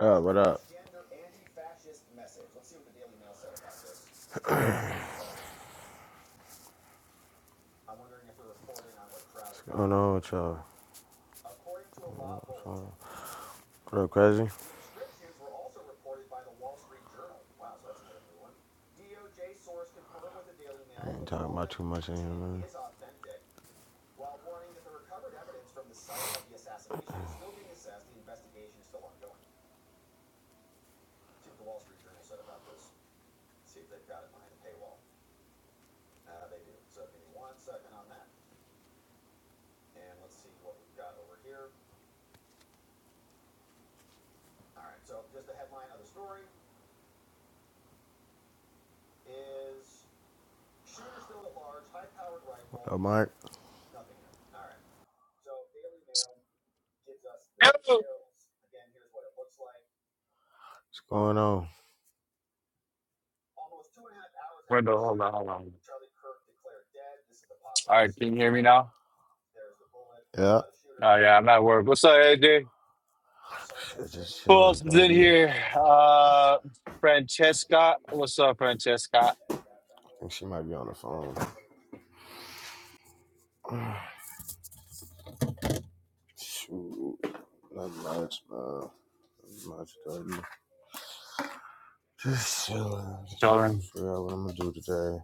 Oh, what up? What's going on with y'all? Real crazy? I ain't talking about too much in here, man. Oh, Mike, Hello. what's going on? Window, hold on, hold on. All right, can you hear me now? Yeah. Oh yeah, I'm at work. What's up, AJ? Shit, just Who chilling, else is in doggy. here? Uh, Francesca. What's up, Francesca? I think she might be on the phone. Shoot. Not much, man. Not much, doggy. Just chilling. Just Chilling. figure out what I'm gonna do today.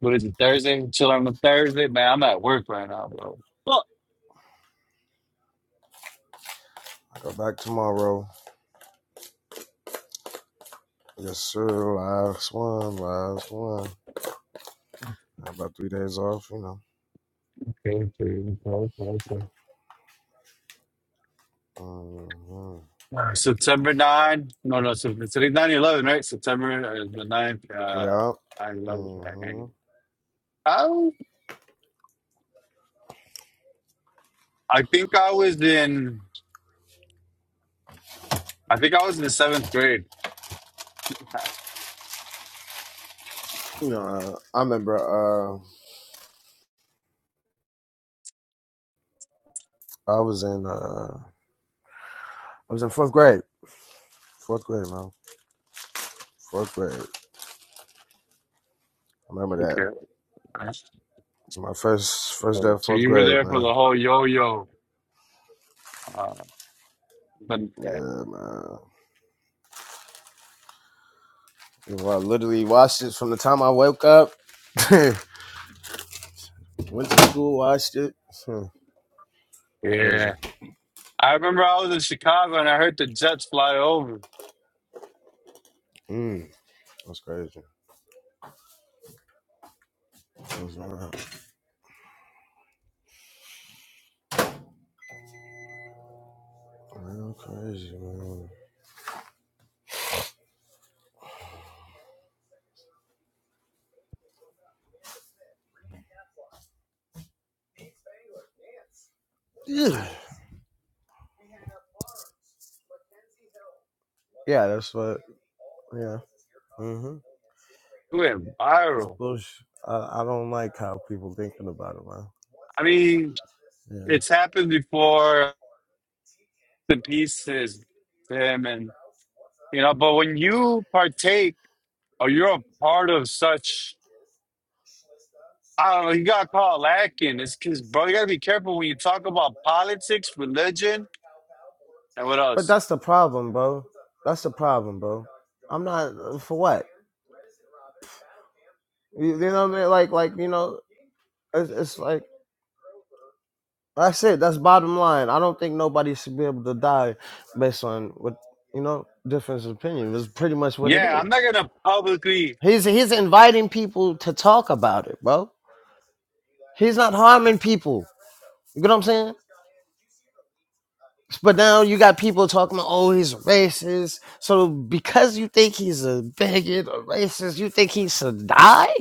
What is it? Thursday. Chilling on Thursday, man. I'm at work right now, bro. Fuck. Go back tomorrow. Yes, sir. Last one. Last one. I about three days off, you know. Okay, okay, okay, okay. okay. hmm All right, September 9, no, no, Sep- today's 9 eleven, right? September uh, the ninth. uh, Yeah. 9 eleven. hmm right? I, I think I was in, I think I was in the seventh grade. You know, uh, I remember uh, I was in uh, I was in fourth grade. Fourth grade, man. Fourth grade. I remember that. Okay. That's It's my first first day right. of So fourth you were grade, there for man. the whole yo-yo. Uh, but Yeah, man. You know, I literally watched it from the time I woke up. Went to school, watched it. Hmm, yeah, Crazy. I remember I was in Chicago and I heard the Jets fly over. Mm, that's crazy. That was, uh, Real crazy, man. Yeah, yeah, that's what. Yeah, mm-hmm. It went It's viral. bullshit. I, I don't like how people thinking about it, man. I mean, Yeah, it's happened before the pieces, Tim, and you know. But when you partake or you're a part of such, I don't know. You got caught lacking. It's because, bro, you gotta be careful when you talk about politics, religion, and what but else. that's the problem, bro. That's the problem, bro. I'm not uh, for what. You, you know what I mean? Like, like you know, it's, it's like that's it. That's bottom line. I don't think nobody should be able to die based on what you know difference of opinion. It's pretty much what it Yeah, is. I'm not gonna publicly. He's he's inviting people to talk about it, bro. He's not harming people. You get what I'm saying? But now you got people talking about, oh, he's racist. So because you think he's a bigot or racist, you think he should die?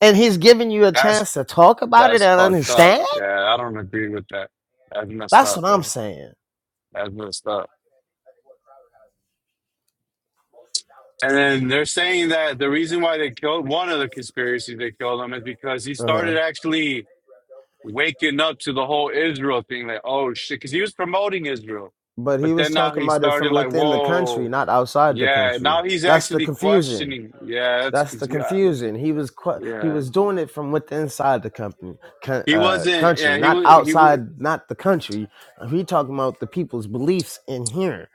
And he's giving you a that's chance to talk about it That's and fucked up. understand? Yeah, I don't agree with that. That's messed That's up, what I'm bro. saying. That's messed up. And then they're saying that the reason why they killed one of the conspiracies they killed him is because he Uh-huh. started actually waking up to the whole Israel thing. Like, oh shit, because he was promoting Israel, But he but was then now talking he about it started from like, within the country, whoa, not outside the yeah. country. Now he's That's the actually confusion. questioning. Yeah, that's a That's the confu- uh, confusion. He was qu- he Yeah, was doing it from within inside the company co- he uh, wasn't. country, Yeah, he not was. He was. outside, not the country. He talking about the people's beliefs in here.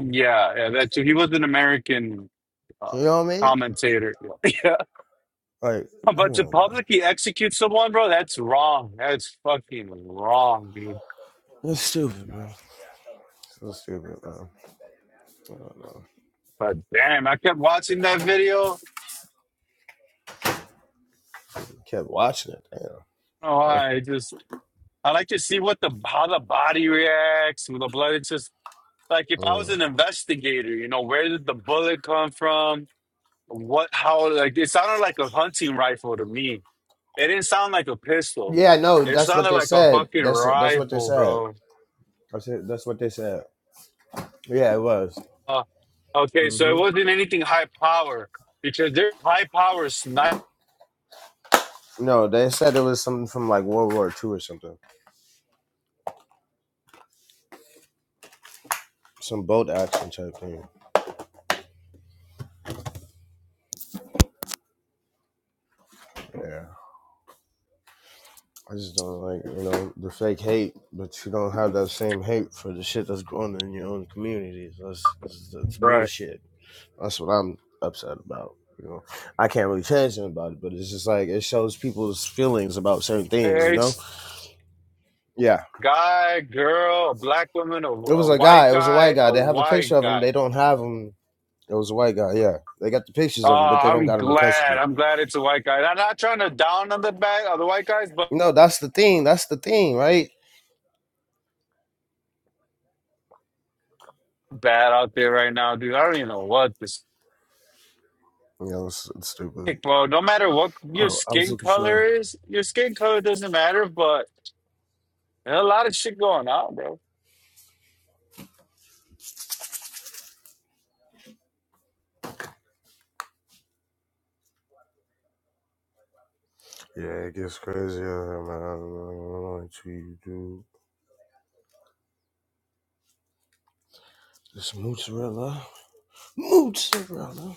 Yeah, yeah. That too. He was an American uh, So, You know what I mean? commentator. Yeah. Like, come But to on, man. publicly execute someone, bro, that's wrong. That's fucking wrong, dude. It's stupid, man. So stupid, man. I don't know. But damn, I kept watching that video. Kept watching it. Damn. Oh, I just I like to see what the how the body reacts with the blood. It's just like if I was Mm. an investigator, you know, where did the bullet come from? What? How? Like it sounded like a hunting rifle to me. It didn't sound like a pistol. Yeah, no, It that's what sounded they like a said. fucking That's that's what they rifle, said. bro. I said that's what they said. Yeah, it was. Uh, okay, so hmm it wasn't anything high power because they're high power sniper. No, they said it was something from like World War Two or something. Some boat action type thing. Yeah, I just don't like you know the fake hate, but you don't have that same hate for the shit that's going on in your own communities. That's that's, that's Right. bullshit. That's what I'm upset about. You know, I can't really change anything about it, but it's just like it shows people's feelings about certain things. You know? It's Yeah. guy, girl, a black woman, a, It was a a guy. white It was a white guy, guy. a They have a picture white of him. guy. They don't have him. It was a white guy. Yeah, they got the pictures Oh, of him, but they don't I'm got him in glad. custody. I'm glad it's a white guy. I'm not trying to down on the back of the white guys, but You know, that's the thing. That's the thing, right? bad out there right now, dude. I don't even know what this. You know, it's, it's stupid. Bro, no matter what your Oh, I was skin looking color for. is, your skin color doesn't matter, but there's a lot of shit going on, bro. Yeah, it gets crazy man. I don't know I don't know what you do. This mozzarella. Mozzarella.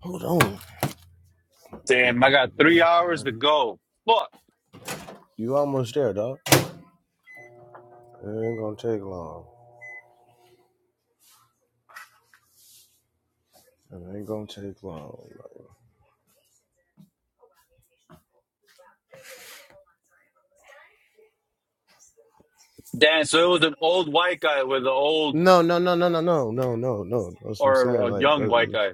Hold on. Put this Damn, I back in got the three hours microwave. to go. Fuck. You almost there, dog. It ain't gonna take long. It ain't gonna take long. Like, Dan, so it was an old white guy with an old no, no, no, no, no, no, no, no, no. That's what I'm saying. or a Like young uh, white guy.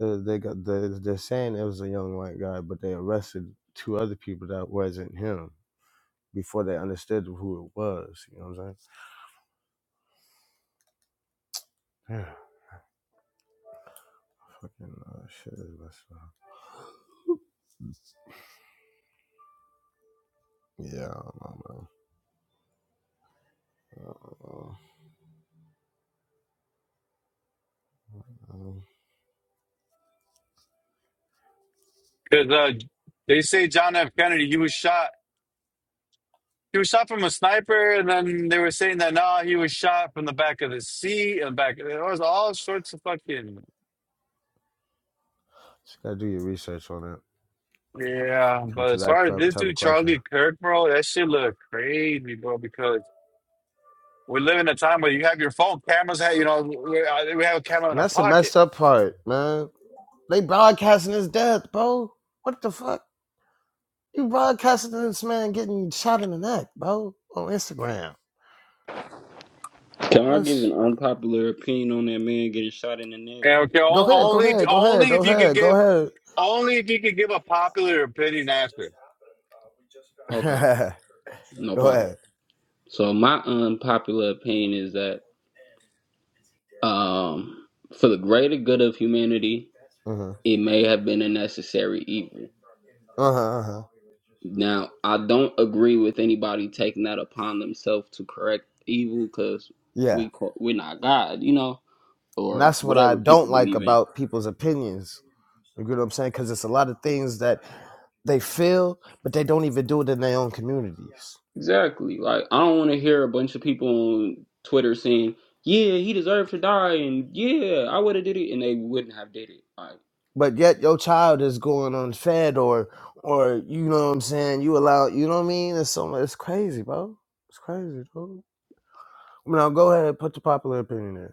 they, they got they, they're saying it was a young white guy, but they arrested two other people that wasn't him before they understood who it was. You know what I'm saying? Yeah, fucking uh, shit is messed up. Yeah, I don't know, man. I don't know. I don't- know. Because uh, they say John F. Kennedy, he was shot. He was shot from a sniper, and then they were saying that nah, he was shot from the back of the seat and back. It was all sorts of fucking Just gotta do your research on it. yeah. Come But to as that far as cur- this type of dude question, Charlie Kirk, bro, that shit look crazy, bro. Because we live in a time where you have your phone cameras. Have you know we uh, we have a camera in and our that's the pocket. messed up part, man. They broadcasting his death, bro. What the fuck? You broadcasting this man getting shot in the neck, bro, on Instagram. Can I give That's an unpopular opinion on that man getting shot in the neck? And okay, go on- ahead, go only ahead, go ahead, only go if you could ahead, go give ahead. only if you could give a popular opinion after. Okay, no go problem. ahead. So my unpopular opinion is that um, for the greater good of humanity, Uh-huh. it may have been a necessary evil. Uh-huh. uh-huh. Now, I don't agree with anybody taking that upon themselves to correct evil because Yeah. we co- we're not God, you know, And or that's what I whatever don't people like believe in. about people's opinions. You get what I'm saying? Because it's a lot of things that they feel, but they don't even do it in their own communities. Exactly. Like I don't want to hear a bunch of people on Twitter saying, "Yeah, he deserved to die," and "Yeah, I would have did it," and they wouldn't have did it. Like But yet your child is going unfed or or you know what I'm saying, you allow you know what I mean? It's so it's crazy, bro. It's crazy, bro. Now go ahead, put the popular opinion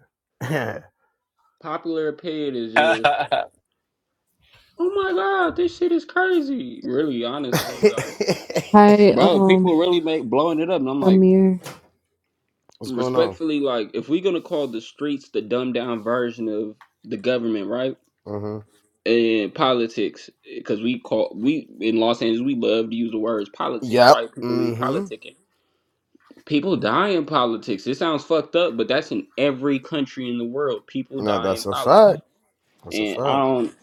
popular opinion is all just, right, "Oh my God, this shit is crazy." Really, honestly, like, in. Hi, bro, um, people really make blowing it up, and I'm like, Amir. What's going on? respectfully, like, if we're gonna call the streets the dumbed down version of the government, right? Mm-hmm. And politics, because we call we in Los Angeles, we love to use the words politics, Yep. right? People be Mm-hmm. politicking People die in politics. It sounds fucked up, but that's in every country in the world. People No, die in that's a fact. politics. That's a And I fact. don't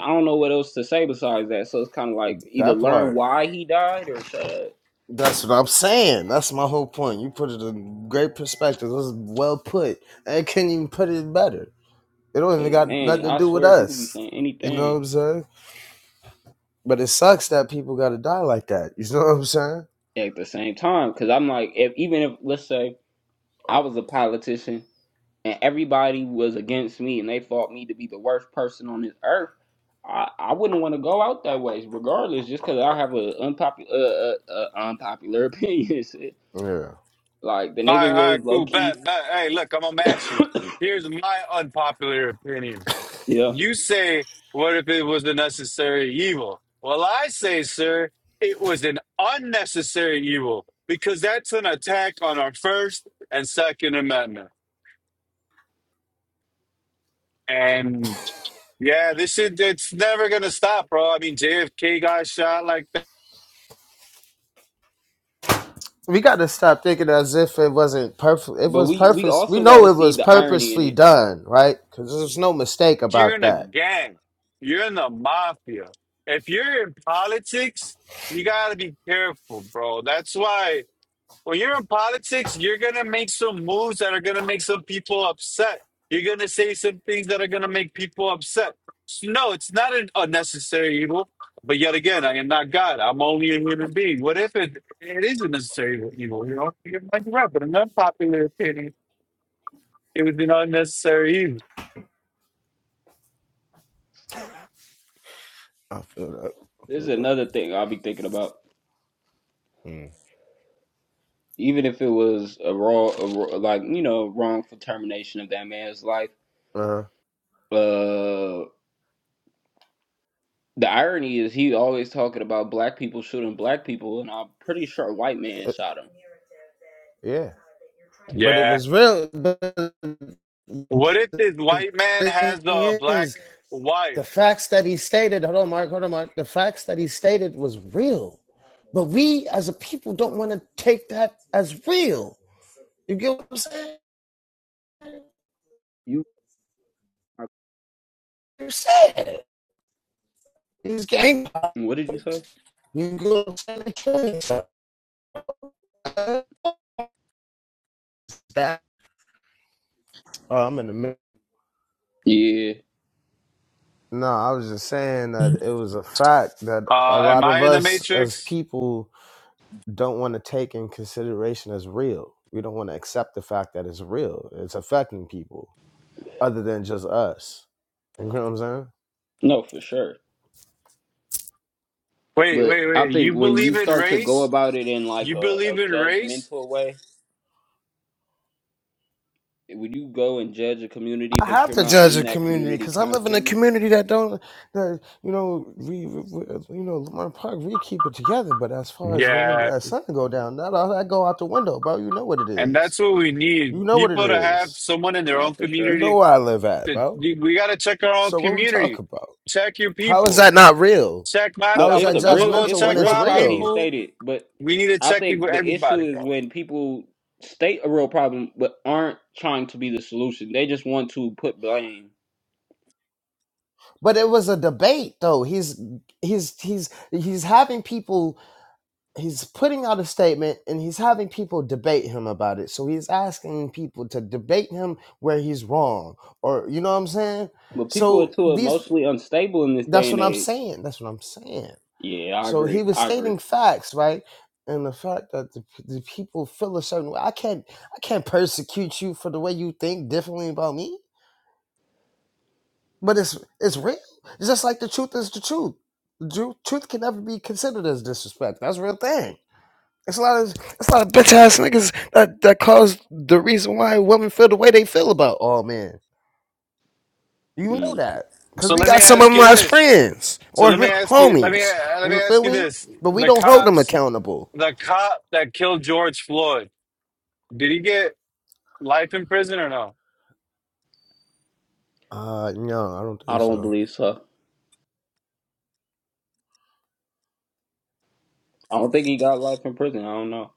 I don't know what else to say besides that. So it's kind of like either That learn part. why he died or shut up. That's what I'm saying. That's my whole point. You put it in great perspective. It was well put. I can't even put it better. It don't even Cause got man, nothing to I do with swear people be us. saying You know what anything I'm saying? But it sucks that people gotta die like that. You know what I'm saying? at the same time. Cause I'm like, if even if let's say I was a politician and everybody was against me and they thought me to be the worst person on this earth, I, I wouldn't want to go out that way, regardless, just because I have a unpopular uh, uh, uh, unpopular opinion. shit. Yeah. Like the nigga all right, was low cool. key, Bet, bet. Hey, look, I'm gonna match you. Here's my unpopular opinion. yeah. You say, what if it was a necessary evil? Well, I say, sir, it was an unnecessary evil because that's an attack on our First and Second Amendment. And yeah, this shit, it's never gonna stop, bro. I mean, JFK got shot like that. We gotta stop thinking as if it wasn't perfect. It But was we we purpose. We also got know to it see was the irony in purposefully it. done, right? Because there's no mistake You're about in a that. gang. You're in the mafia. If you're in politics, you gotta be careful, bro. That's why when you're in politics, you're gonna make some moves that are gonna make some people upset. You're gonna say some things that are gonna make people upset. No, it's not an unnecessary evil. But yet again, I am not God. I'm only a human being. What if it, it is a necessary evil? You know, you might be right, but in an unpopular opinion, it was an unnecessary evil. I feel that. I This feel is that. another thing I'll be thinking about. Mm. Even if it was a raw, a raw like you know, wrongful termination of that man's life, Uh, uh, the irony is he always talking about black people shooting black people, and I'm pretty sure a white man it- shot him. yeah. But it Yeah. was real. But What if the this white man thing has a is, black wife? the facts that he stated, hold on, Mark, hold on, Mark, the facts that he stated was real. But we as a people don't want to take that as real. You get what I'm saying? You are, You said it. he's gang what did you say? you go to the killing. That, oh, I'm in the middle. Yeah, No, I was just saying that it was a fact that a Uh, am lot of I in the us as Matrix? people don't want to take in consideration as real. We don't want to accept the fact that it's real. It's affecting people other than just us. You know what I'm saying? no, for sure. Wait, But wait, I wait. You think when you believe in start to go race? about it in like You a, a believe in race? judgmental way, when you go and judge a community, I but have you're to not judge in a that community community because I live in a constantly, community that don't that you know we, we you know Lamar Park we keep it together. But as far as when it, Yeah. that sun go down, that all that go out the window, bro. You know what it And is. that's what we You need. know what it People to have is. someone in their no, own for You sure. know community. where I live at, To, bro. we got to check our own So what we talk community. about? Check your How is people. that not real? Check my, No, How is I'm it's going that a I'm to real, go it's judgmental a when check it's real my problem. He real? people. stated, but We need to I check in think with the everybody, issue is bro. when people state a real problem, but aren't trying to be the solution. They just want to put blame. But it was a debate though. He's he's he's he's having people he's putting out a statement and he's having people debate him about it. So he's asking people to debate him where he's wrong or you know what I'm saying? But people are So too these emotionally unstable in this day that's and what I'm age. saying. That's what I'm saying. Yeah, I So he agree. was I agree. stating facts, right? And the fact that the, the people feel a certain way, I can't, I can't persecute you for the way you think differently about me. But it's it's real. It's just like the truth is the truth. The tru- truth can never be considered as disrespect. That's a real thing. It's a lot of it's a lot of bitch ass niggas that that cause the reason why women feel the way they feel about all men. You Mm. know that because So we let me got some of ask them you as this. friends So or let me ask you, let me, homies. let me You ask feel you me? this. But we The don't hold them cops, accountable. the cop that killed George Floyd, did he get life in prison or no? Uh, no, I don't I think don't so. believe so. I don't think he got life in prison. I don't know.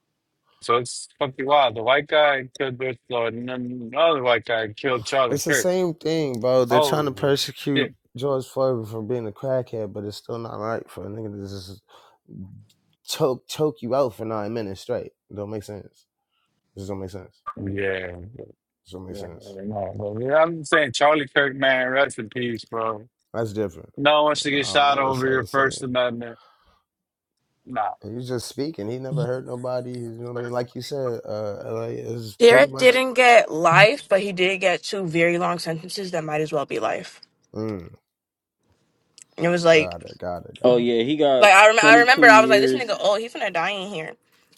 So it's fucking wild. The white guy killed George Floyd, and then another white guy killed Charlie It's the Kirk. same thing, bro. They're trying to Holy persecute shit! George Floyd for being a crackhead, but it's still not right for a nigga to just choke choke you out for nine minutes straight. It Don't make sense. This don't make sense. Yeah, This don't make yeah, sense. no, bro. Yeah, I'm saying Charlie Kirk, man, rest in peace, bro. That's different. No one wants to I get don't shot know. That's over all your the First same. Amendment. Nah, And you just speaking. He never hurt nobody. You know what I mean? Like you said, uh, LA is pretty Derek much. didn't get life, but he did get two very long sentences that might as well be life. Mm, And it was like, got it. Got it. Oh Got it. yeah, he got like I, rem- I 22 remember I was like, this years. nigga, oh, he's gonna die in here.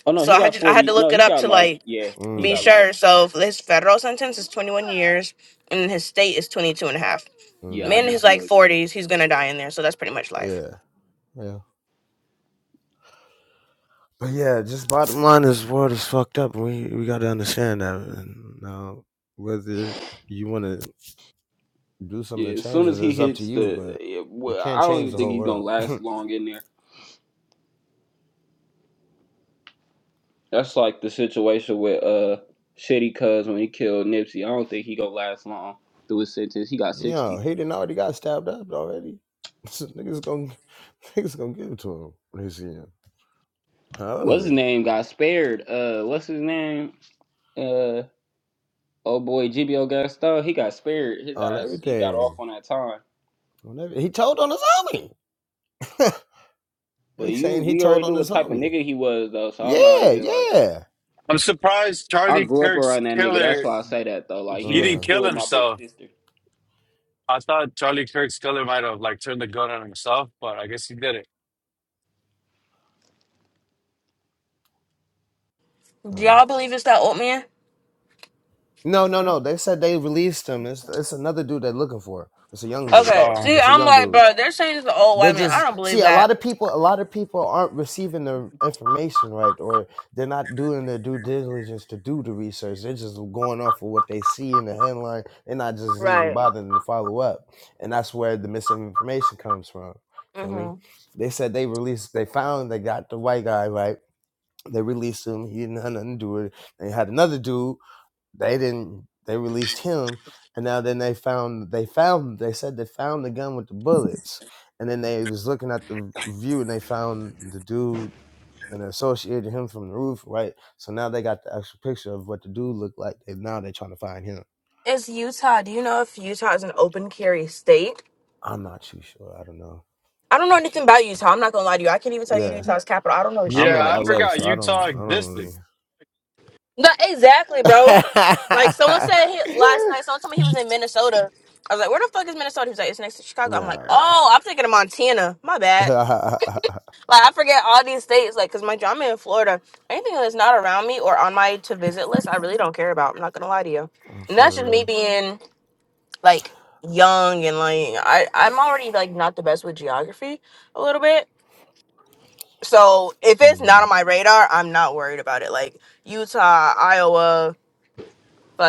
Oh no, So he I had got to, I had to 40. No, look it he up got to life. like Yeah, he be Mm, got life. sure. So his federal sentence is 21 years, and his state is 22 and a half. Yeah, mm, I Man in his just like looked. 40s, he's gonna die in there. So that's pretty much life. yeah. Yeah. But yeah, just bottom line, this world is fucked up. We we got to understand that. And now, whether you want to do something Yeah, to as change soon as it, he it's up to hits you. the, But yeah, you well, can't I don't change even the think whole he's gonna world. last long in there. That's like the situation with uh Shitty Cuz when he killed Nipsey. I don't think he gonna last long through his sentence. He got Yeah, 60. he didn't already got stabbed up already. niggas gonna niggas gonna give it to him when they see him. What's his However, name? Got spared. Uh, what's his name? Uh, oh boy, GBO Gaston. He got spared. His on ass. He got off everything, on that time. on every, he told on his homie. But they you, saying he we told already on knew his what type of homie. nigga he was though, so I'm not Yeah, even like. yeah. I'm surprised I Charlie grew up Kirk's around that nigga. That's killer. why I say that though. Like he He went to didn't Uh, kill school with my big himself. sister. I thought Charlie Kirk's killer might have like turned the gun on himself, but I guess he did it. Do uh. y'all believe it's that old man? No, no, no. They said they released him. It's it's another dude they're looking for. It's a young dude. Okay. See, Um. It's a I'm young like, dude. bro, they're saying it's the old They're white man. I just don't see believe a that. lot of people. A lot of people aren't receiving the information right, or they're not doing their due diligence to do the research. They're just going off of what they see in the headline. They're not just even Right. bothering to follow up, and that's where the misinformation comes from. Feel hmm me? They said they released. They found they got the white guy right. They released him. He didn't have nothing to do with it. They had another dude they didn't. They released him, and now then they found they found they said they found the gun with the bullets, and then they was looking at the view and they found the dude and associated him from the roof, right? So now they got the extra picture of what the dude looked like. And now they're trying to find him. It's Utah. Do you know if Utah is an open carry state? I'm not too sure. I don't know. I don't know Not sure. anything about Utah. I'm not gonna lie to you. I can't even tell you Yeah, Utah's capital. I don't know I'm shit Yeah, in about I Utah. L.A., forgot so I don't Utah I don't existed. No, exactly, really. bro. Like someone said he, last night, yeah. someone told me he was in Minnesota. I was like, where the fuck is Minnesota? He was like, it's next to Chicago. I'm like, oh, I'm thinking of Montana. My I'm bad. Like I forget all these states, like, cause my job I'm in Florida. Anything that's not around me or on my to visit list, I really don't care about. I'm not gonna lie to you. And that's just me sure. being. like young and like I I'm already like not the best with geography a little bit. So if it's not Mm. on my radar, I'm not worried about it. Like Utah, Iowa,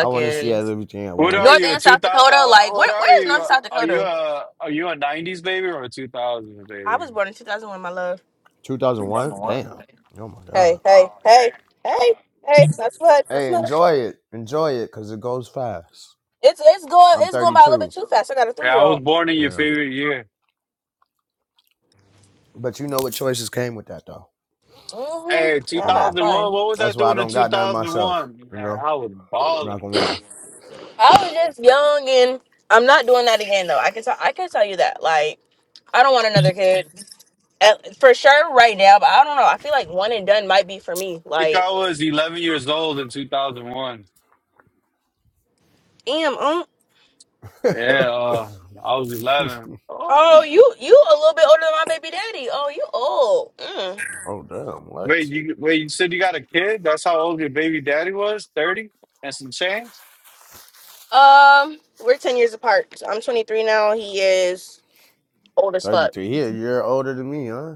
I want to see everything at What are once. North you, a and two South Dakota. thousand? Uh, Like what where are where is North you? and Uh, South Are you Dakota? a are you a nineties baby or a two thousand I baby? was born in 2001, my love. 2001? Damn. Oh my God. Hey, hey, hey, hey, hey. That's what. That's Hey, what. enjoy it. Enjoy it because it goes fast. It's it's going I'm it's going by a little bit 32. too fast. I got a Hey, three I year was old. born in your Yeah. favorite year. But you know what choices came with that, though. Mhm. Hey, two Uh You huh. know. thousand Fine. one. What was I That's why I doing in don't two got none thousand myself. one? You know? I was I'm not balling. going to lie. I was just young and I'm not doing that again though. I can tell I can tell you that. Like I don't want another kid At- for sure right now, but I don't know. I feel like one and done might be for me. I think Like, I was eleven years old in two thousand one. damn, um, Yeah, uh, I was eleven. Oh, oh, you you a little bit older than my baby daddy. Oh, you old. Mm. oh, damn. wait, What? you wait. You said you got a kid? That's how old your baby daddy was? Thirty and some change. Um, we're 10 years apart. So I'm 23 now. He is old as fuck. 33. He a year older than me, huh?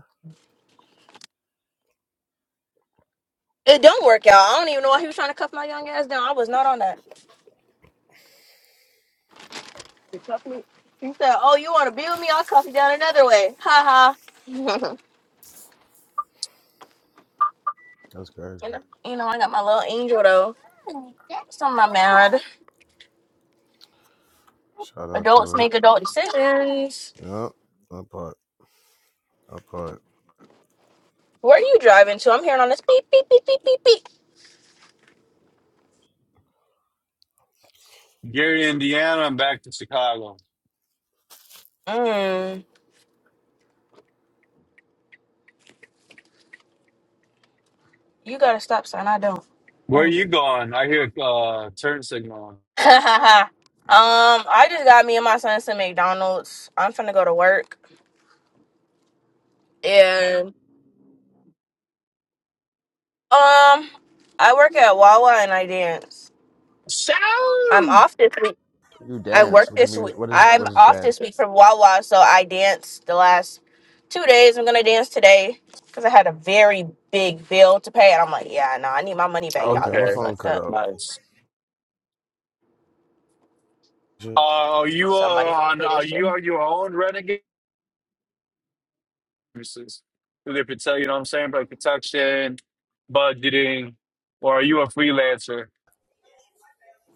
It don't work out. I don't even know why he was trying to cuff my young ass down. I was not on that. He cuffed me. He said, "Oh, you want to be with me? I'll cuff you down another way." Ha ha. That's crazy. And, you know, I got my little angel though. So I'm not mad. Shout out Adults to it. make adult decisions. Yep. That part. That part. Where are you driving to? I'm hearing on this beep beep beep beep beep beep. Gary, Indiana, and back to Chicago. Mm, you got a stop sign. I don't. Where are Oh. you going? I hear uh turn signal. um, I just got me and my son some McDonald's. I'm finna go to work. And um, I work at Wawa and I dance. So I'm off this week. You I dance. work What you this mean? week. What is I'm what is off dance? this week from Wawa, so I danced the last two days. I'm gonna dance today because I had a very big bill to pay, and I'm like, yeah, no, I need my money back. Y'all Okay, got my me okay, phone fucked cut up. out. nice. Uh, are you uh, Somebody fucking on? pay Are this shit. you on your own renegade services? Do they protect? You know what I'm saying? Like protection, budgeting, or are you a freelancer?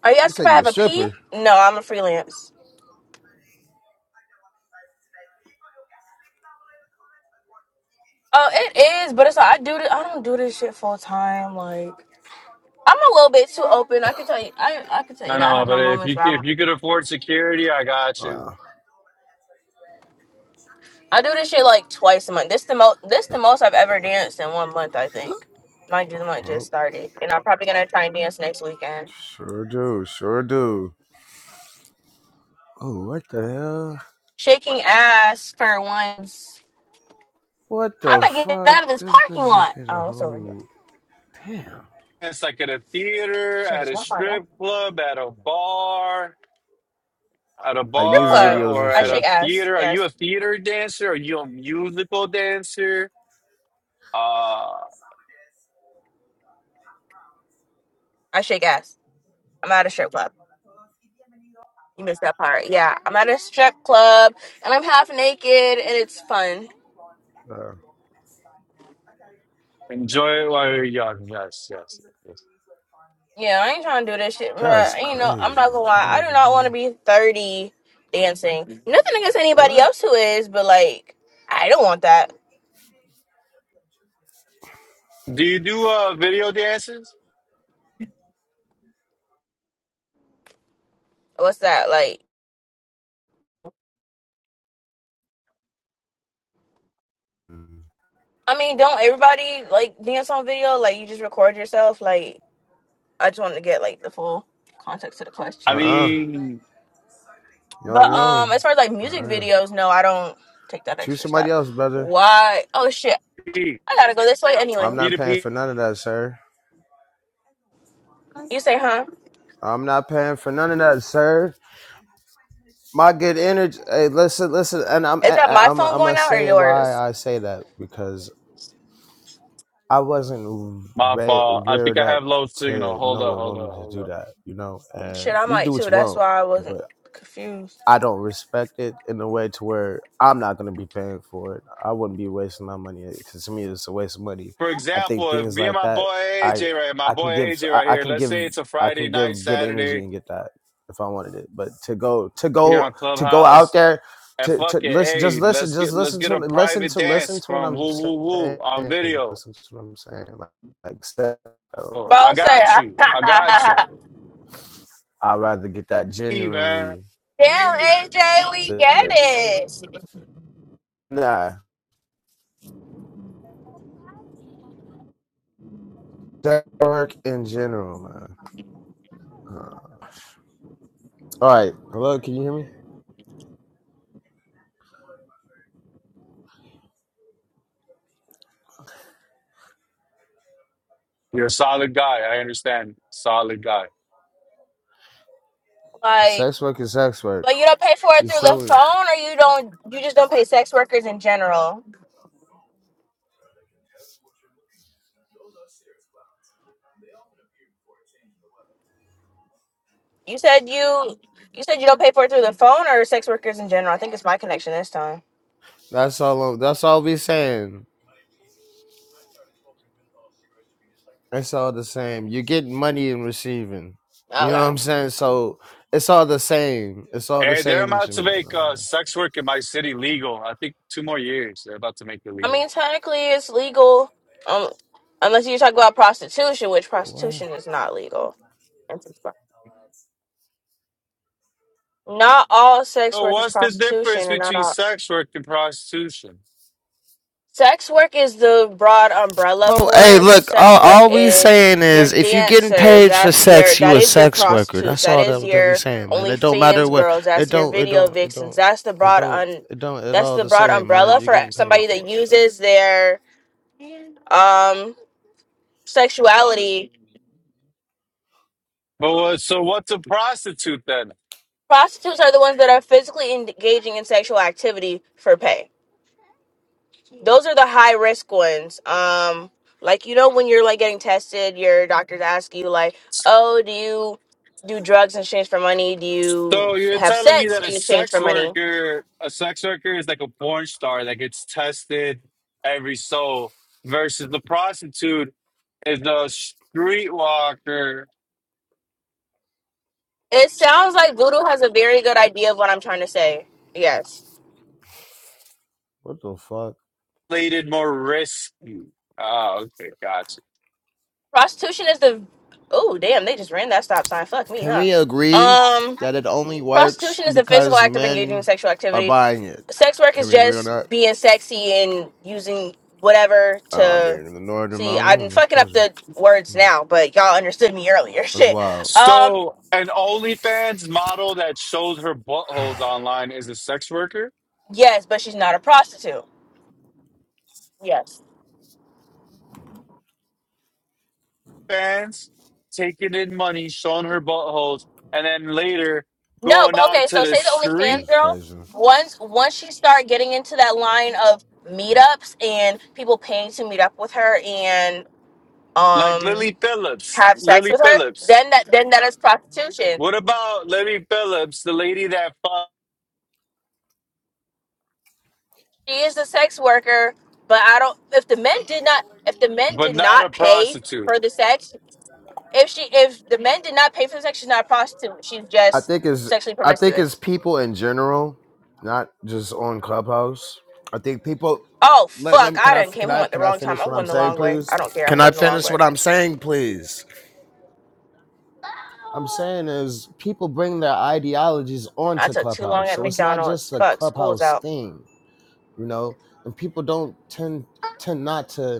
Are you You asking if said I you a have a P? stripper. No, I'm a freelance. Oh, it is, but it's like I do. This, I don't do this shit full time. Like I'm a little bit too open. I can tell you. I I can tell you I that I know, have but my if moments you where I'm if you could afford security, I got you. Wow. I do this shit like twice a month. This the most this the most I've ever danced in one month, I think. Mind you, the month Well, just started, and I'm probably gonna try and dance next weekend. Sure do, sure do. Oh, what the hell? Shaking ass for once. What How am the I getting fuck? out of this This parking bitch just lot? hit a Oh, it's over here. whole damn. It's like at a I theater, should at just a walk by strip club, at a bar, at a Like Strip music bar, club. videos and or I at shit. shake a ass. theater. Are you a Yes, theater dancer? Are you a musical dancer? Uh, I shake ass. I'm at a strip club. You missed that part. Yeah, I'm at a strip club, and I'm half naked, and it's fun. Uh, enjoy it while you're young. Yes, yes, yes. Yeah, I ain't trying to do that shit, bro. that's You know, I'm not crazy. gonna lie. I do not want to 2001. be 30 dancing. Nothing against anybody What? else who is, but like, I don't want that. Do you do uh video dances? What's that like? I mean, don't everybody like dance on video? Like, you just record yourself. Like, I just want to get like the full context to the Uh question. I uh mean, Yo, But um, yo. as far as like music Uh-uh. videos, no, I don't take that Choose extra somebody step. else, brother. Why? Oh shit, P I gotta go this way I'm anyway. P not to paying P. for none of that, sir. You say, huh? I'm not paying for none of that, sir. My good energy. Hey, listen, listen, and I'm, Is I- that I- my am phone I'm going gonna out or say why yours? I say that because I wasn't My re- fault. I think reared I up have low signal. to Hold know up, a hold up, woman to hold do up. that, you know. Shit, And I you might do what too. you That's want, why I wasn't but. confused. I don't respect it in a way to where I'm not going to be paying for it. I wouldn't be wasting my money because to me it's a waste of money. For I think example, if things me and like my that, boy I AJ right, my I can boy give AJ I, right I here. can Let's give say it's a I Friday can night, give good energy Saturday and get that if I wanted it. But to go to here go on to go out Clubhouse, there and to fuck to it, listen just hey, listen let's just get let's listen get to a listen private to listen dance to what from I'm Woo Woo Woo saying on video. listen to what I'm saying like like step I don't Oh, do I Boss that say, got you. I got you. type. "Damn, I'd rather get that Hey, man. genuinely. AJ, we get it." Nah, Sex work in general, man. Uh, all right, hello, can you hear me? You're a solid guy. I understand. Solid guy. Like, Sex work is sex work. but you don't pay for You it are through the selling? phone, or you don't. You just don't pay sex workers in general. You said you. You said you don't pay for it through the phone or sex workers in general. I think it's my connection this time. That's all. That's all we saying. It's all the same. You're getting money and receiving. You know what Okay. I'm saying? So it's all the same. It's all the Hey, they're same about to to me. make uh, Man. sex work in my city legal. I think two more years. They're about to make it I legal. mean, technically, it's legal, um, unless you talk about prostitution, which What? prostitution is not legal. Not all sex So, work is what's the difference prostitution, and not between all sex work and prostitution? Sex work is the broad umbrella Well, for hey, it. So look, all, sex work all we is saying your is if you getting dancers. paid for That's your sex, you that a is your sex worker. prostitutes. That's That all is that, that we your saying, man. It don't matter OnlyFans what girls. it That's your don't it video don't it vixens. don't That's the it broad don't un it don't It that's all the the broad same, man. umbrella You're for getting paid somebody that for it, man. uses their um sexuality. But what, so, what's a prostitute then? Prostitutes are the ones that are physically engaging in sexual activity for pay. Those are the high risk ones. Um, like you know when you're like getting tested, your doctors ask you like, "Oh, do you do drugs in exchange for money? Do you So, This you're shit is have telling me sex that crazy. a in exchange for sex money?" worker, a sex worker is like a porn star that gets tested every so, versus the prostitute is a street walker, It sounds like Voodoo has a very good idea of what I'm trying to say. Yes, What the fuck? plated more risky. Oh, okay, gotcha. prostitution is the. Oh damn! They just ran that stop sign. Fuck me, Can huh? we agree Um, that it only works prostitution is the physical because act of engaging in men sexual are activity buying it? sex work Can is we agree on just that? being sexy and using whatever Oh, I to mean, in the northern see mountain i'm room, it's fucking up crazy. the words Hmm. now but y'all understood me earlier It's shit wild. um So, an OnlyFans model that shows her buttholes online is a sex worker. yes but she's not a prostitute yes Fans taking in money, showing her buttholes, and then later no going but out okay to so the say the OnlyFans street It's girl crazy. once once she start getting into that line of meetups and people paying to meet up with her and like um Lily Phillips. have sex Lily with her Phillips. then that then that is prostitution What about Lily Phillips, the lady that fucked, she is a sex worker, but I don't. If the men did not, if the men but did not a not pay prostitute? for the sex, if she, if the men did not pay for the sex, she's not a prostitute. She's I just think it's sexually I think it's promiscuous. people in general, not just on Clubhouse. I think people. Oh Let, let fuck! me can I I done can came home I at the can I wrong time. finish I'm what I'm going the saying, long way. please? I don't care. I'm Can I going the long finish what way. I'm saying, please? I'm saying is people bring their ideologies I onto took too long Clubhouse, at so it's not McDonald's. just a Fuck, school's Clubhouse out. thing, you know. And people don't tend tend not to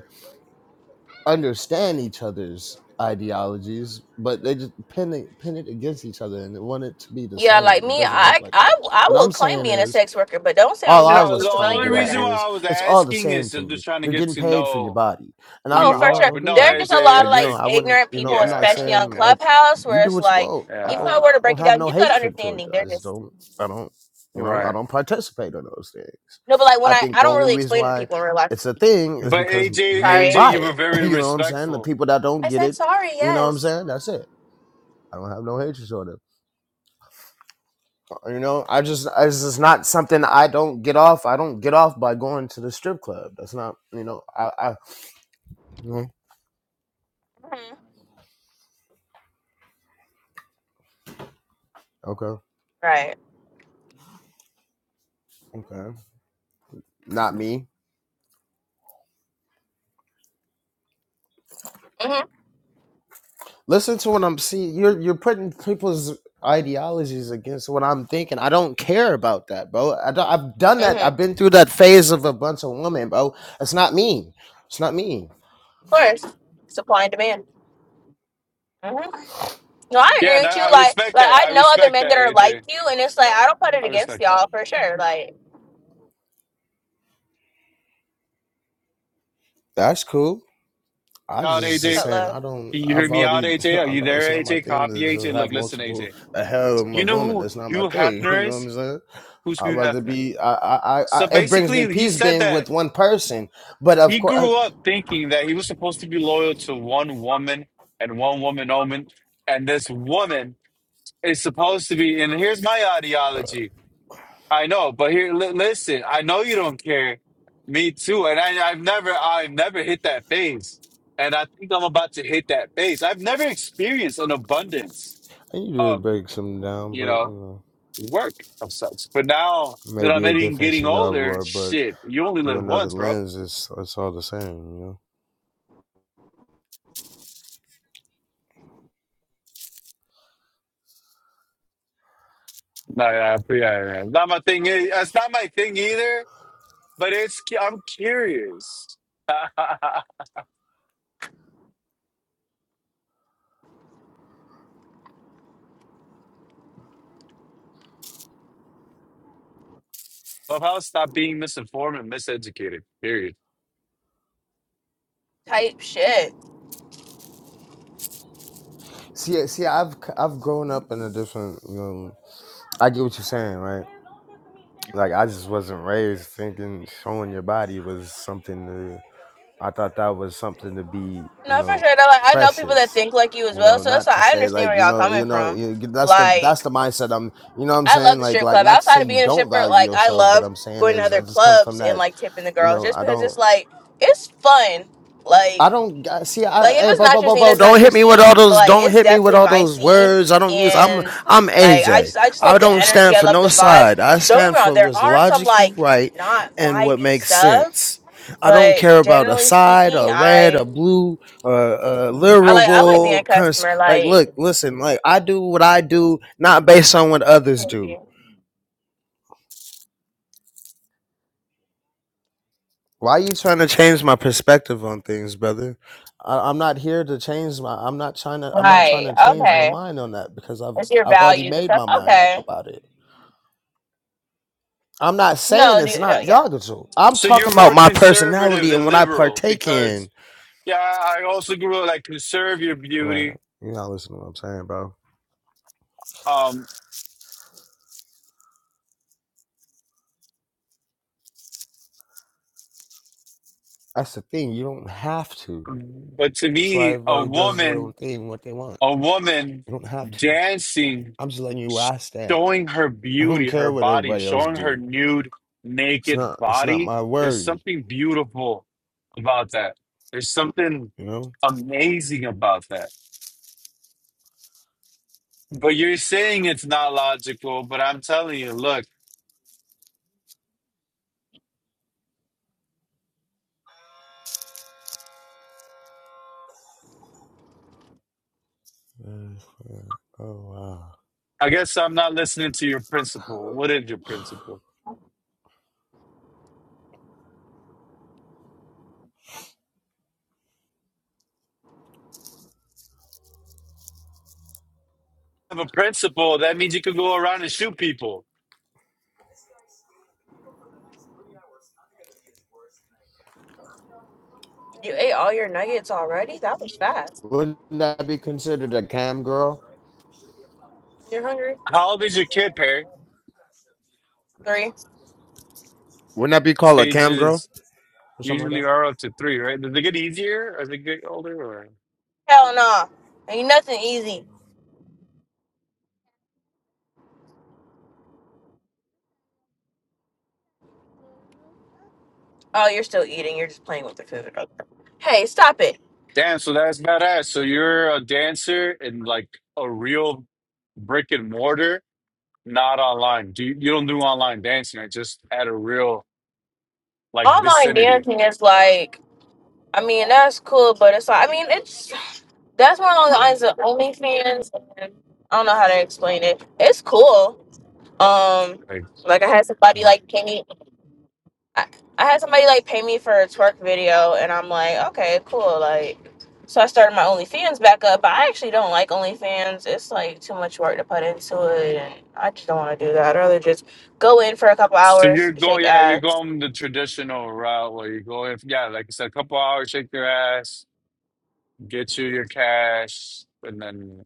understand each other's ideologies, but they just pin it, pin it against each other and they want it to be the Yeah, same. like It me, doesn't work I, like that. I, I What will I'm claim saying being a is sex worker, but don't say I'm a all You I know, prostitute was the because trying I to ain't only get doing at that. reason why is I was it's all the asking same is to I'm me. just trying to You're get getting to paid for your know body, and who I'm Oh, not, you I for are. don't sure. But agree no, There with are it. just a lot Like of AJ, you know, like like, I wouldn't. ignorant You know, people, I'm not especially yeah, saying on yeah, like Clubhouse, you where do it's what you like, want. I if I yeah, don't. were I to don't break it have down, no you got hatred towards understanding. you. I They're just just don't. I don't. You know, right. I don't participate in those things. no, but like when I I think I the don't only really reason explain it to why people in real life. it's a thing is But because AJ, men Sorry, AJ, buy you were it. very You know what I'm saying? The respectful. people that don't I get said it, sorry. you know what I'm Yes. saying? That's it. I don't have no hatred toward them. You know, I just it's just not something I don't get off. I don't get off by going to the strip club. That's not you know. I I you know, hmm okay Right. okay not me. Mhm. Listen to what I'm seeing. You're you're putting people's ideologies against what I'm thinking. I don't care about that, bro. I don't, I've done that. Mhm. I've been through that phase of a bunch of women, bro. It's not me. It's not me. Of course, supply and demand. Mhm. No, I Yeah, agree no, with you. I Like, respect like that. I I know other respect that, men that are like AJ. you, and it's like I don't put it I against respect that. y'all for sure. Like, That's cool. I Out, just what's is AJ. up, saying love? I don't. Can you hear I've me out, already. AJ? Are I'm you not. there, It's not my AJ? thing Copy, to just AJ. have Look, listen, multiple AJ. a harem You of know women. who That's not my Hugh thing. You Hefner know what is? I'm saying? Who's I'd Hugh rather Hefner? be. I. I. I. I So it brings me basically, he peace said being that with one person. But of he course, I, grew up thinking that he was supposed to be loyal to one woman and one woman only, and this woman is supposed to be. And here's my ideology. I know, but here, li listen. I know you don't care. Me too. And I, I've never, I've never hit that phase. And I think I'm about to hit that phase. I've never experienced an abundance I usually of, break some down. you But you know, know, work of such. But now that I'm maybe a getting difference getting in your older, aurora, but shit, you only through live another once, bro. lens, it's it's all the same. You know. No, yeah, yeah, yeah. Not my thing. eh, It's not my thing either. But it's, cu- I'm curious. Clubhouse, stop being misinformed and miseducated. Period. Type shit. See. See. I've c- I've grown up in a different. You know. I get what you're saying, right? Like I just wasn't raised thinking showing your body was something to. I thought that was something to be, you No, for know, sure. Though, like I know people that precious. think like you as You well, know, so it's not like to I say understand like, where you y'all know, you coming know, from. you, that's the that's Like the mindset. I'm, you know, what I'm I love saying the like, strip like club. not to say Outside of you being a don't stripper, value like I yourself, but love I'm saying going to is I other just come from clubs and that. like tipping the You girls, know, just I because don't. it's like it's fun. Like I don't I- see. like I if hey, it's bo, not bo, your bo, scene, bo, it's don't not your hit me with scene. all But those. like Don't it's hit me with definitely all my those scene, words. I don't use. I'm and I'm like I AJ. just I just I love the don't energy. stand I for love no the vibes. side. I Don't get me stand wrong. for There what's are some logically like right not and what vibey makes stuff, sense. I don't but care about a generally side speaking, or red I or blue or uh, I like I like being a liberal. Cons- customer. like, Like. look, listen. Like, I do what I do, not based on what others do. Maybe. Why you trying to change my perspective on things, brother? I, I'm not here to change my. I'm not trying to. I'm not trying Right. to change my Okay. mind on that because I've It's your I've already values and made stuff. my mind up Okay. about it. I'm not saying No, it's the, no, not yeah. Yagatul. I'm So talking you're about more my conservative personality and than when I liberal partake in. because yeah, I also grew up like conserve your Right. beauty. You're not listening to what I'm saying, bro. Um, That's the thing. You don't have to. but to That's why me, a everybody does their own woman, thing, what they want. a woman You don't have to. dancing, I'm just letting you where I stand. showing her I don't beauty, her care what body, everybody else showing her do. nude, It's naked not. It's not body. my There's worry. something beautiful about that. There's something You know. amazing about that. But you're saying it's not logical, but I'm telling you, look. Uh, Oh I guess I'm not listening to your principle. What is your wow. principle? If you have a principle, that means you could go around and shoot people. You ate all your nuggets already? That was fast. Wouldn't that be considered a cam girl You're hungry? How old is your kid, Perry? Three. Wouldn't that be called a cam girl? Stages or something like usually that? are up to three, right? Does it get easier as they get older? Or Hell no. Ain't nothing easy. Oh, you're still eating. You're just playing with the food. Okay. Hey, stop it. damn, so that's badass. So you're a dancer in like a real brick and mortar, not online. Do you, you don't do online dancing? Right? Just at a real like Online vicinity. dancing is like, I mean, that's cool, but it's like, I mean, it's, that's one of the lines of OnlyFans. And I don't know how to explain it. It's cool. Um, Like like I had somebody like Kenny I, I had somebody like pay me for a twerk video, and I'm like, okay, cool. Like, so I started my OnlyFans back up. But I actually don't like OnlyFans. It's like too much work to put into it, and I just don't want to do that. I'd rather just go in for a couple So hours, you're shake going, yeah, you're ass. going the traditional route where you go, if, yeah, like I said, a couple hours, shake your ass, get you your cash, and then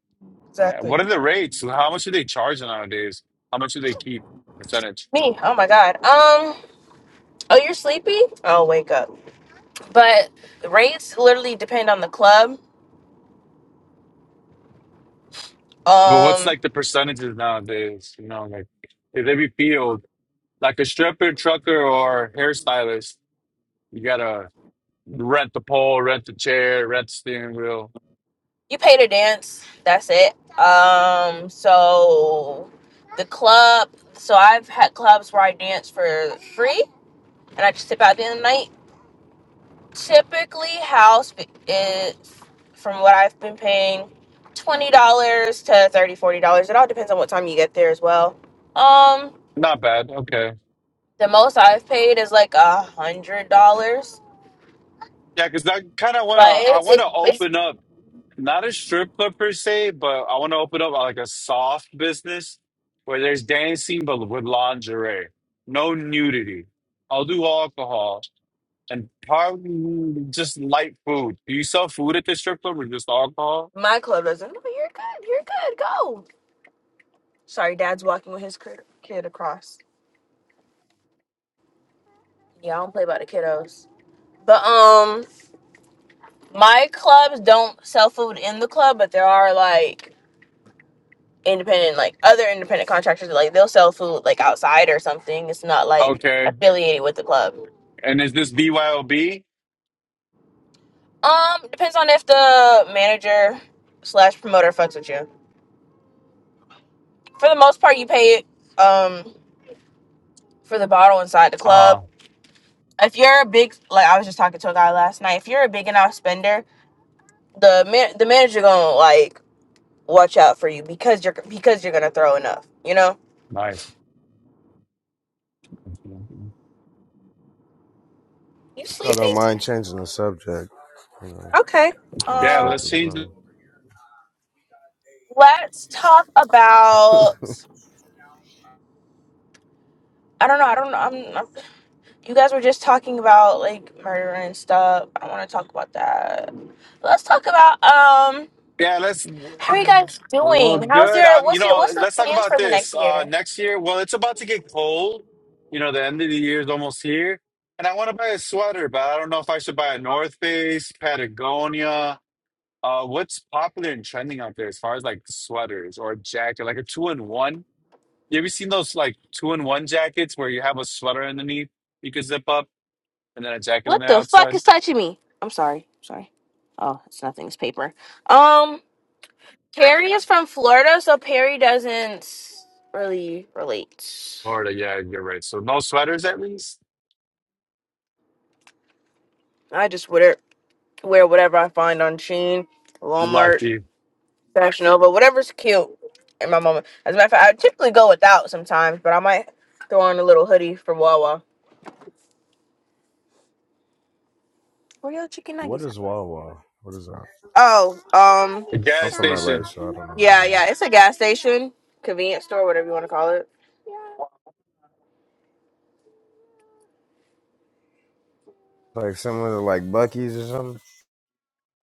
yeah. Exactly. What are the rates? How much do they charge nowadays? How much do they keep percentage? Me, oh my god. Um, oh, you're sleepy? Oh, wake up. But rates literally depend on the club. But what's Um. like the percentages nowadays? You know, like if every field, like a stripper, trucker, or hairstylist, you gotta rent the pole, rent the chair, rent the steering wheel. you pay to dance that's it um so the club so i've had clubs where i dance for free and i just tip out at the end of the night typically house is from what i've been paying $20 to thirty, forty dollars it all depends on what time you get there as well um Not bad. Okay. the most i've paid is like a hundred dollars Yeah, because that kind of want but to. I it's, want it's to it's open up. not a strip club per se, but I want to open up like a soft business where there's dancing but with lingerie, no nudity. I'll do alcohol and probably just light food. Do you sell food at the strip club or just alcohol? my club doesn't no you're good you're good go sorry dad's walking with his cri- kid across Yeah, I don't play by the kiddos. But um my clubs don't sell food in the club, but there are like independent like other independent contractors like they'll sell food like outside or something. It's not like Okay. affiliated with the club. And is this BYOB? Um, depends on if the manager slash promoter fucks with you. For the most part you pay um for the bottle inside the club. Ah, If you're a big like I was just talking to a guy last night, if you're a big enough spender, the man the manager gonna like watch out for you because you're because you're gonna throw enough. You know. nice. You I don't sleepy? mind changing the subject. You know, Okay. Yeah, Um. respect let's of the change. Let's talk about. I don't know. I don't know. I'm, I'm. You guys were just talking about like murder and stuff. I don't want to talk about that. Let's talk about um. Yeah, let's. How are you guys Oh, doing? How's good. your? Um, you What's your? know, What's the let's talk plans about for the this. next Uh, year? next year, well, it's about to get cold. You know, the end of the year is almost here, and I want to buy a sweater, but I don't know if I should buy a North Face, Patagonia. Uh, what's popular and trending out there as far as like sweaters or a jacket, like a two-in-one? You ever seen those like two-in-one jackets where you have a sweater underneath you could zip up and then a jacket on What the the fuck outside? is touching me? I'm sorry. Sorry. Oh, it's nothing. It's paper. Um. Carrie is from Florida, so Perry doesn't really relate. Florida, yeah, you're right. So no sweaters at least. I just wear wear whatever I find on Sheen, Walmart, Lucky. Fashion Nova, whatever's cute in my moment. As a matter of fact, I typically go without sometimes, but I might throw on a little hoodie for Wawa. Where your chicken What nuggets at? is Wawa? What is that? Oh, um, The I'm gas from LA, station. so I don't know what yeah, that is. yeah. It's a gas station, convenience store, whatever you want to call it. Like similar to like Bucky's or something?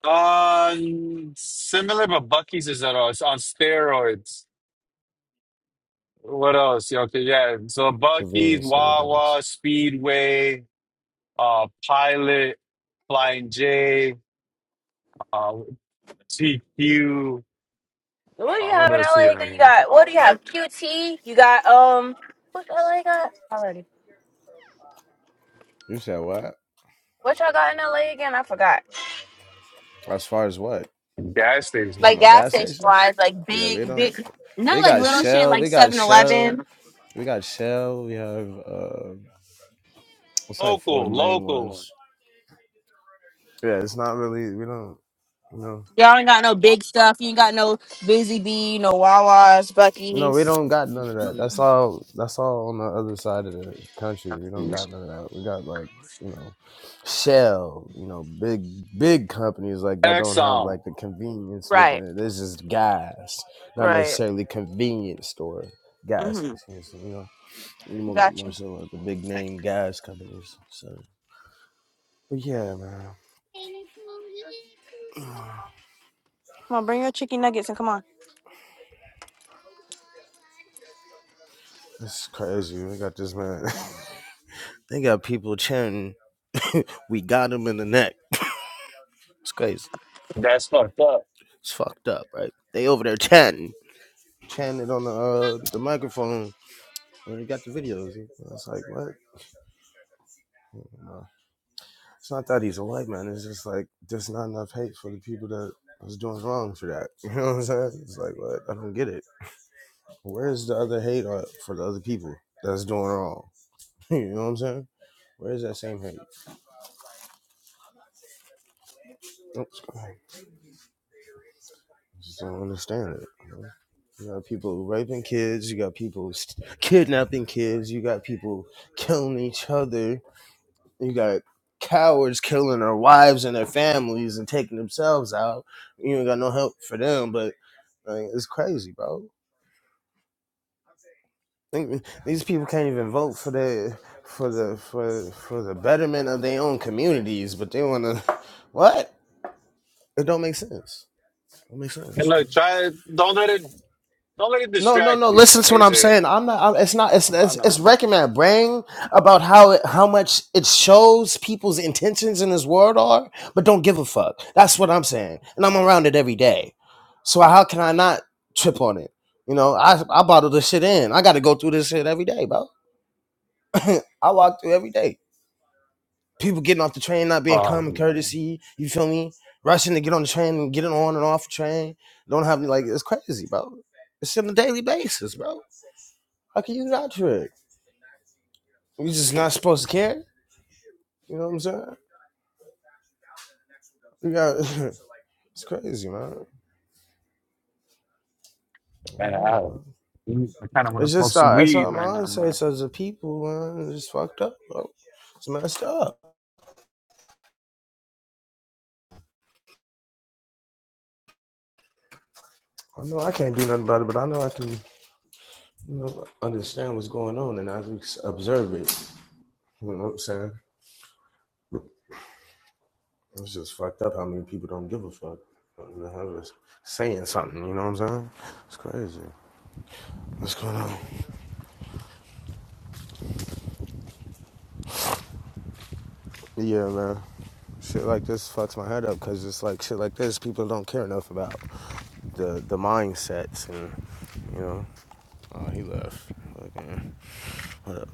Um, similar, but Bucky's is on, on steroids. What else? Yeah, Okay, yeah. So Bucky's, Convenience to the Wawa, Speedway, uh, Pilot, Flying J, uh, TQ. What do you Uh, have what in else do we LA? have? You on got it? what do you have? QT. You got um. What LA got already? You said what? What y'all got in LA again? I forgot. As far as what? Gas You station. Like talking about gas gas station stations? wise, like Yeah, we big, don't. big, not We like got little shit Shell. like We got 7 Shell. Eleven. We got Shell. We have. uh, It's like four Local, main local one. ones. Yeah, it's not really. We don't. No, Y'all ain't got no big stuff. You ain't got no Busy Bee, no Wawa's, no, we Bucky's. don't got none of that. That's all. That's all on the other side of the country. We don't got none of that. We got like you know, Shell. You know, big big companies like that don't have Exxon. like the convenience Right, within it. This is gas, not right. necessarily convenience store gas Mm-hmm. stations. You know, we more got Got more you. so like the big name gas companies. So, but yeah, man, Come on, bring your chicken nuggets and come on. it's crazy. We got this man. They got people chanting, "We got him in the neck." It's crazy. That's fucked up. It's fucked up, right? They over there chanting, chanting on the uh, the microphone when they got the videos. It's like what? Uh, It's not that he's a white man. It's just like there's not enough hate for the people that was doing wrong for that. You know what I'm saying? It's like what? I don't get it. Where's the other hate uh, for the other people that's doing wrong? you know what I'm saying? Where's that same hate? Oops. Just don't understand it. You, know? You got people raping kids. You got people st- kidnapping kids. You got people killing each other. You got cowards killing their wives and their families and taking themselves out. You ain't got no help for them. But like, it's crazy, bro. Think- These people can't even vote for their for the for for the betterment of their own communities, but they want to. What? It don't make sense. It don't make And look, sense. try don't let it don't let it No, no, distract no. you, Listen to what I'm AJ. saying. I'm not. I'm, it's not. It's, I it's it's know. wrecking my brain about how it, how much it shows people's intentions in this world are, but don't give a fuck. That's what I'm saying, and I'm around it every day. So how can I not trip on it? You know, I I bottle this shit in. I got to go through this shit every day, bro. I walk through every day. People getting off the train, not being Fuck, common man. courtesy. You feel me? Rushing to get on the train and getting on and off the train. Don't have me like it's crazy, bro. It's on a daily basis, bro. How can you not trick? We just not supposed to care. You know what I'm saying? We got it's crazy, man. I Man, don't know, man. I, I kind of want to It's smoke just some uh, it's weed what my right now, mindset man. is as a people, man. It's just fucked up, bro. It's messed up. I know I can't do nothing about it, but I know I can, you know, understand what's going on and I can observe it. You know what I'm saying? It's just fucked up how many people don't give a fuck. do have us Saying something, you know what I'm saying? It's crazy. What's going on? Yeah, man. Shit like this fucks my head up because it's like shit like this. People don't care enough about the the mindsets and you know. Oh, he left. Okay. What up?